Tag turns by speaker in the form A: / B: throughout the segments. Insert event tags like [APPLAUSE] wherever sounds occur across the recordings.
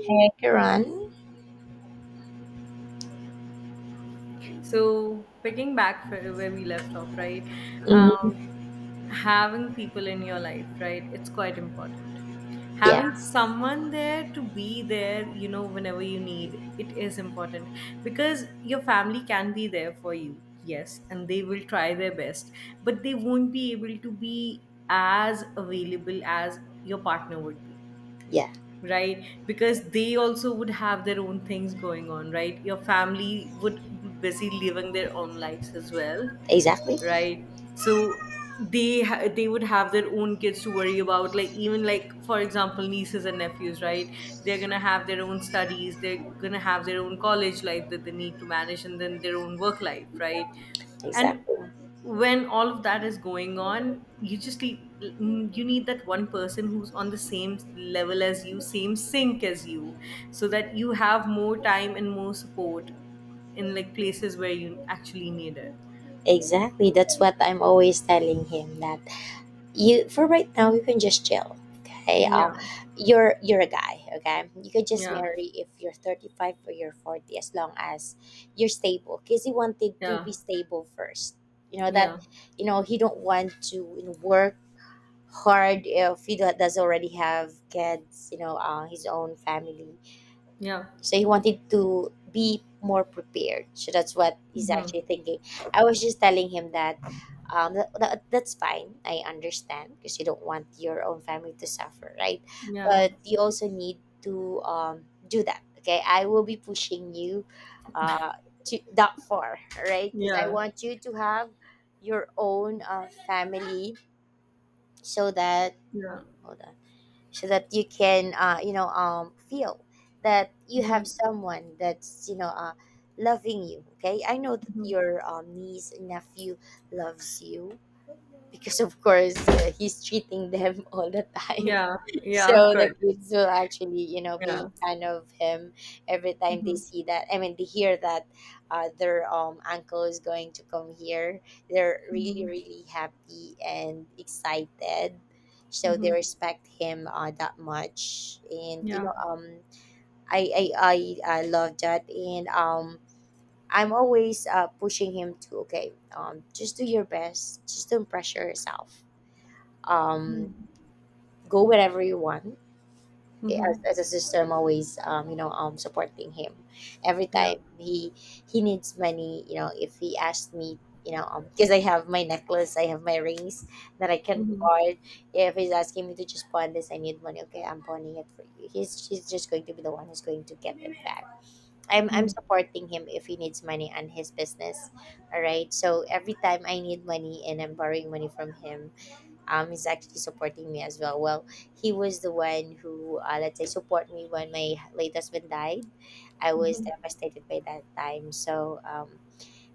A: Hey, Karan.
B: So, picking back for where we left off, right?
A: hmm
B: Um, having people in your life, right? It's quite important.
A: Yeah,
B: Having someone there to be there, you know, whenever you need, it is important because your family can be there for you, yes, and they will try their best, but they won't be able to be as available as your partner would be,
A: yeah,
B: right? Because they also would have their own things going on, right? Your family would be busy living their own lives as well,
A: exactly,
B: right? So they would have their own kids to worry about, like, even like for example nieces and nephews, right? They're gonna have their own studies, they're gonna have their own college life that they need to manage, and then their own work life, right? And
A: exactly,
B: when all of that is going on, you need that one person who's on the same level as you, same sync as you, so that you have more time and more support in, like, places where you actually need it.
A: exactly. That's what I'm always telling him that you, for right now, you can just chill. Okay, uh,
B: Yeah.
A: you're a guy. Okay, you can just
B: Yeah,
A: marry if you're 35 or you're 40, as long as you're stable. Cause he wanted to
B: yeah,
A: be stable first. You know that,
B: yeah,
A: you know he don't want to work hard if he does already have kids. His own family,
B: yeah.
A: so he wanted to be more prepared, so that's what he's
B: Mhm.
A: actually thinking. I was just telling him that that's fine. I understand because you don't want your own family to suffer, right?
B: Yeah,
A: But you also need to do that. Okay, I will be pushing you uh, to that far right because I
B: yeah,
A: want you to have your own family so that.
B: yeah.
A: Hold on. So that you can feel that you
B: Mhm,
A: have someone that's loving you. Okay, I know that
B: mhm.
A: your niece and nephew loves you because of course he's treating them [LAUGHS] all the time.
B: Yeah,
A: [LAUGHS] So
B: yeah, of
A: the
B: course.
A: kids will actually you know
B: Yeah.
A: be fan of him every time they
B: Mhm,
A: see that, I mean they hear that their uncle is going to come here. They're really
B: mhm,
A: really happy and excited, so they
B: mhm.
A: respect him that much. And you
B: Yeah.
A: know um I love that, and I'm always pushing him to okay, just do your best, just don't pressure yourself. um,
B: Mhm,
A: Go wherever you want. Okay. As,
B: mhm.
A: as a sister, I'm always supporting him. Every
B: Yeah.
A: time he needs money, you know, if he asks me, you know, because I have my necklace, I have my rings that I can
B: Mhm,
A: pawn. If he's asking me to just pawn this, I need money. Okay, I'm pawning it for you. He's just going to be the one who's going to get it back. I'm
B: mhm,
A: supporting him if he needs money on his business. All right. So every time I need money and I'm borrowing money from him, is actually supporting me as well. Well, he was the one who let's say support me when my late husband died. I was devastated by that time, so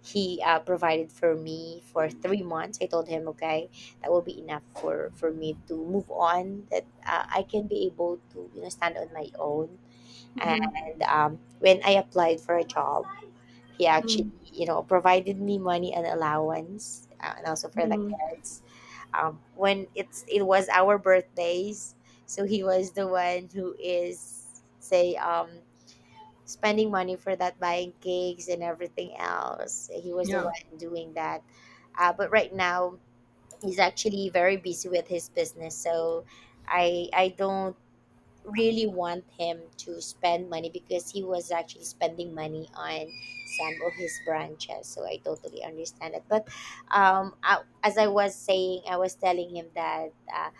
A: he provided for me for 3 months. I told him okay, that will be enough for me to move on, that I can be able to you know stand on my own.
B: mhm,
A: And when I applied for a job, he actually
B: mhm,
A: you know provided me money and allowance and also for the
B: mhm.
A: kids. When it was our birthdays, so he was the one who is say spending money for that, buying cakes and everything else. He was the
B: Yeah.
A: one doing that. But right now he's actually very busy with his business, so I don't really want him to spend money because he was actually spending money on some of his branches. So I totally understand it. But I, as I was saying, I was telling him that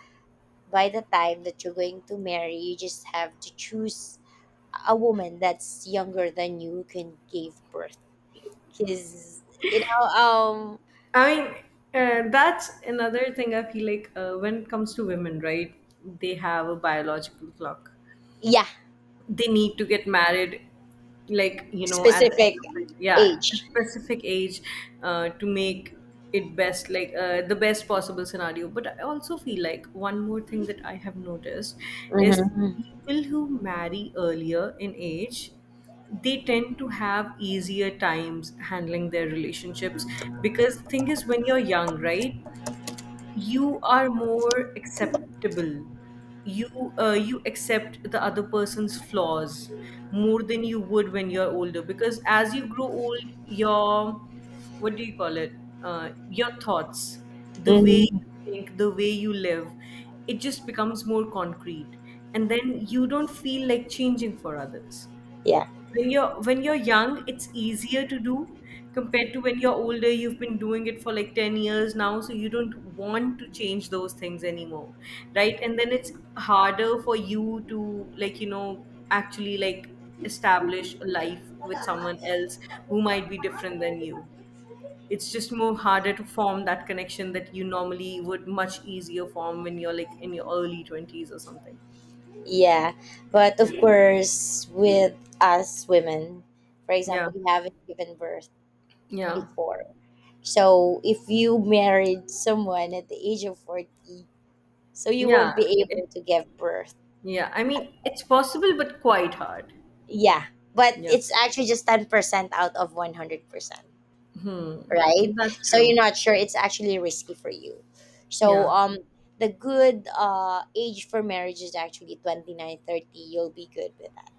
A: by the time that you're going to marry, you just have to choose a woman that's younger than you who can give birth. Because, you know, um,
B: I mean, that's another thing I feel like when it comes to women, right? They have a biological clock.
A: yeah,
B: They need to get married, like, you know, at the end
A: specific
B: of it, yeah, a
A: age.
B: specific age, to make it best, like, the best possible scenario. But I also feel like one more thing that I have noticed is,
A: hmm
B: people who marry earlier in age, they tend to have easier times handling their relationships, because the thing is, when you're young, right, you are more acceptable. you you accept the other person's flaws more than you would when you're older, because as you grow old your, what do you call it, your thoughts, the way
A: hmm
B: you think, the way you live, it just becomes more concrete, and then you don't feel like changing for others.
A: Yeah.
B: When you're young, it's easier to do, compared to when you're older. You've been doing it for like 10 years now, so you don't want to change those things anymore, right? And then it's harder for you to, like, you know, actually, like, establish a life with someone else who might be different than you. It's just more harder to form that connection that you normally would much easier form when you're like in your early 20s or something.
A: Yeah, but of
B: Yeah,
A: course, with us women, for
B: yeah,
A: example, we haven't given birth
B: yeah,
A: before. So if you married someone at the age of 40, so you
B: yeah.
A: won't be able to give birth.
B: Yeah, I mean, it's possible, but quite hard.
A: Yeah, but
B: Yeah.
A: it's actually just 10% out of 100%,
B: Hmm.
A: right?
B: That's
A: So you're
B: true.
A: not sure, it's actually risky for you. So
B: Yeah.
A: the good age for marriage is actually 20. You'll be good with that.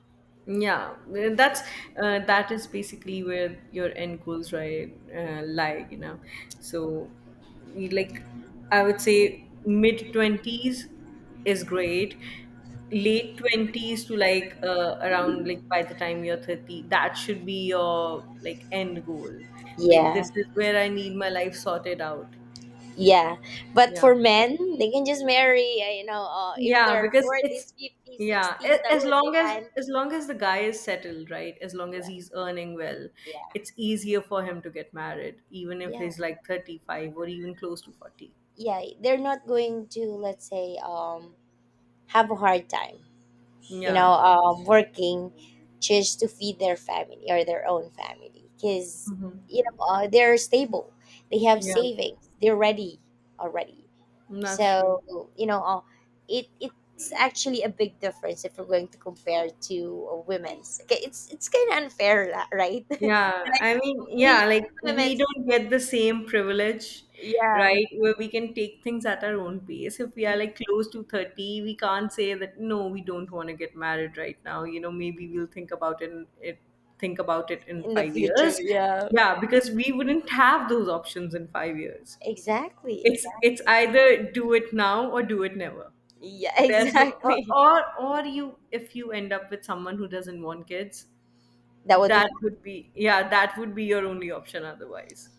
B: Yeah. That is basically where your end goals, right, lie, you know. So, like, I would say mid 20s is great. Late 20s to, like, around, like, by the time you're 30, that should be your, like, end goal. Like,
A: Yeah.
B: this is where I need my life sorted out.
A: Yeah, but
B: Yeah.
A: for men, they can just marry. You know, if
B: Yeah,
A: they're
B: because it's,
A: forties, fifties,
B: yeah,
A: sixties, that
B: as
A: would be
B: long as,
A: fine.
B: the guy is settled, right? As long as
A: Yeah,
B: he's earning well,
A: yeah,
B: it's easier for him to get married, even if
A: yeah,
B: he's like 35 or even close to 40.
A: yeah. They're not going to, let's say, have a hard time. You know,
B: Yeah.
A: working just to feed their family or their own family, because they're stable. They have
B: Yeah.
A: savings. They're ready already.
B: That's true.
A: So it's actually a big difference if we're going to compare to women's. Okay, it's kind of unfair, right? [LAUGHS]
B: Yeah, I
A: Like
B: mean, yeah,
A: we
B: like we
A: women's,
B: don't get the same privilege,
A: yeah,
B: right? Where we can take things at our own pace. If we are,
A: y-
B: like, close to 30, we can't say that, no, we don't want to get married right now. You know, maybe we'll think about it, think about it in
A: in the
B: 5
A: future,
B: years.
A: yeah,
B: Yeah, because we wouldn't have those options in 5 years.
A: exactly,
B: It's
A: exactly,
B: it's either do it now or do it never.
A: yeah, [LAUGHS]
B: There's no, or,
A: exactly.
B: or you, if you end up with someone who doesn't want kids,
A: That would be
B: that would be, yeah, that would be your only option otherwise.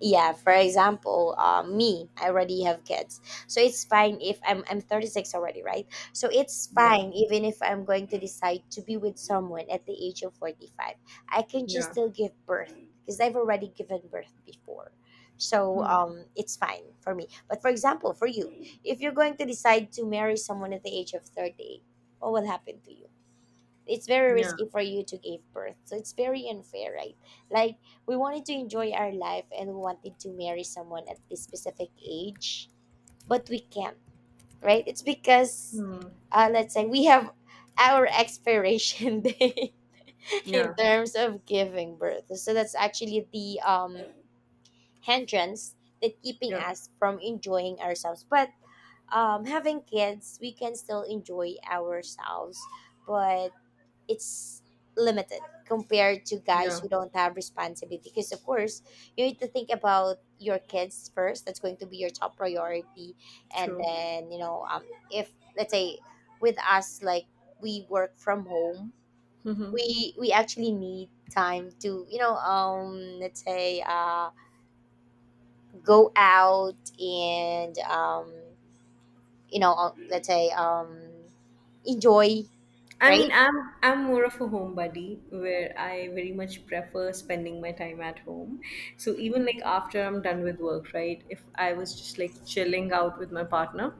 A: yeah for example me. I already have kids, so it's fine if I'm 36 already, right? So it's
B: Yeah,
A: fine even if I'm going to decide to be with someone at the age of 45. I can just
B: yeah,
A: still give birth because I've already given birth before. So it's fine for me, but for example for you, if you're going to decide to marry someone at the age of 30, what will happen to you? It's very
B: yeah,
A: risky for you to give birth, so it's very unfair, right? Like, we wanted to enjoy our life and we wanted to marry someone at this specific age, but we can't, right? It's because
B: mm,
A: let's say we have our expiration [LAUGHS] day in
B: yeah,
A: terms of giving birth, so that's actually the hindrance that keeping
B: yeah,
A: us from enjoying ourselves. But having kids, we can still enjoy ourselves, but it's limited compared to guys
B: yeah,
A: who don't have responsibility. Because of course, you need to think about your kids first. That's going to be your top priority. And
B: true.
A: then if let's say with us, like, we work from home,
B: [LAUGHS]
A: we actually need time to let's say go out and let's say enjoy,
B: I mean,
A: right?
B: I'm more of a homebody where I very much prefer spending my time at home. So even like after I'm done with work, right? If I was just, like, chilling out with my partner,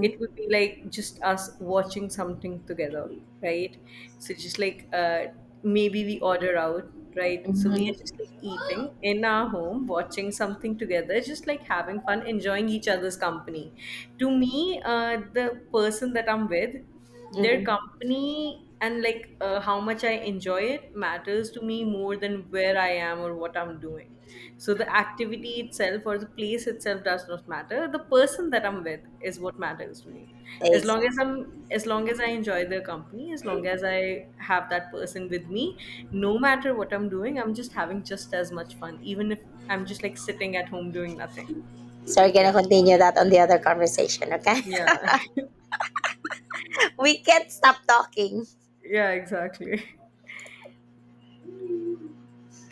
B: it would be like just us watching something together, right? So just like, maybe we order out, right? So we
A: mm-hmm,
B: are just like eating in our home, watching something together, just like having fun, enjoying each other's company. To me, the person that I'm with, their
A: mm-hmm.
B: company and, like, how much I enjoy it matters to me more than where I am or what I'm doing. So the activity itself or the place itself does not matter. The person that I'm with is what matters to me. As long as I enjoy their company, as long as I have that person with me, no matter what I'm doing, I'm just having just as much fun, even if I'm just like sitting at home doing nothing.
A: So we're gonna
B: Yeah.
A: continue that on the other conversation, okay?
B: Yeah. [LAUGHS]
A: [LAUGHS] We can't stop talking.
B: Yeah, exactly.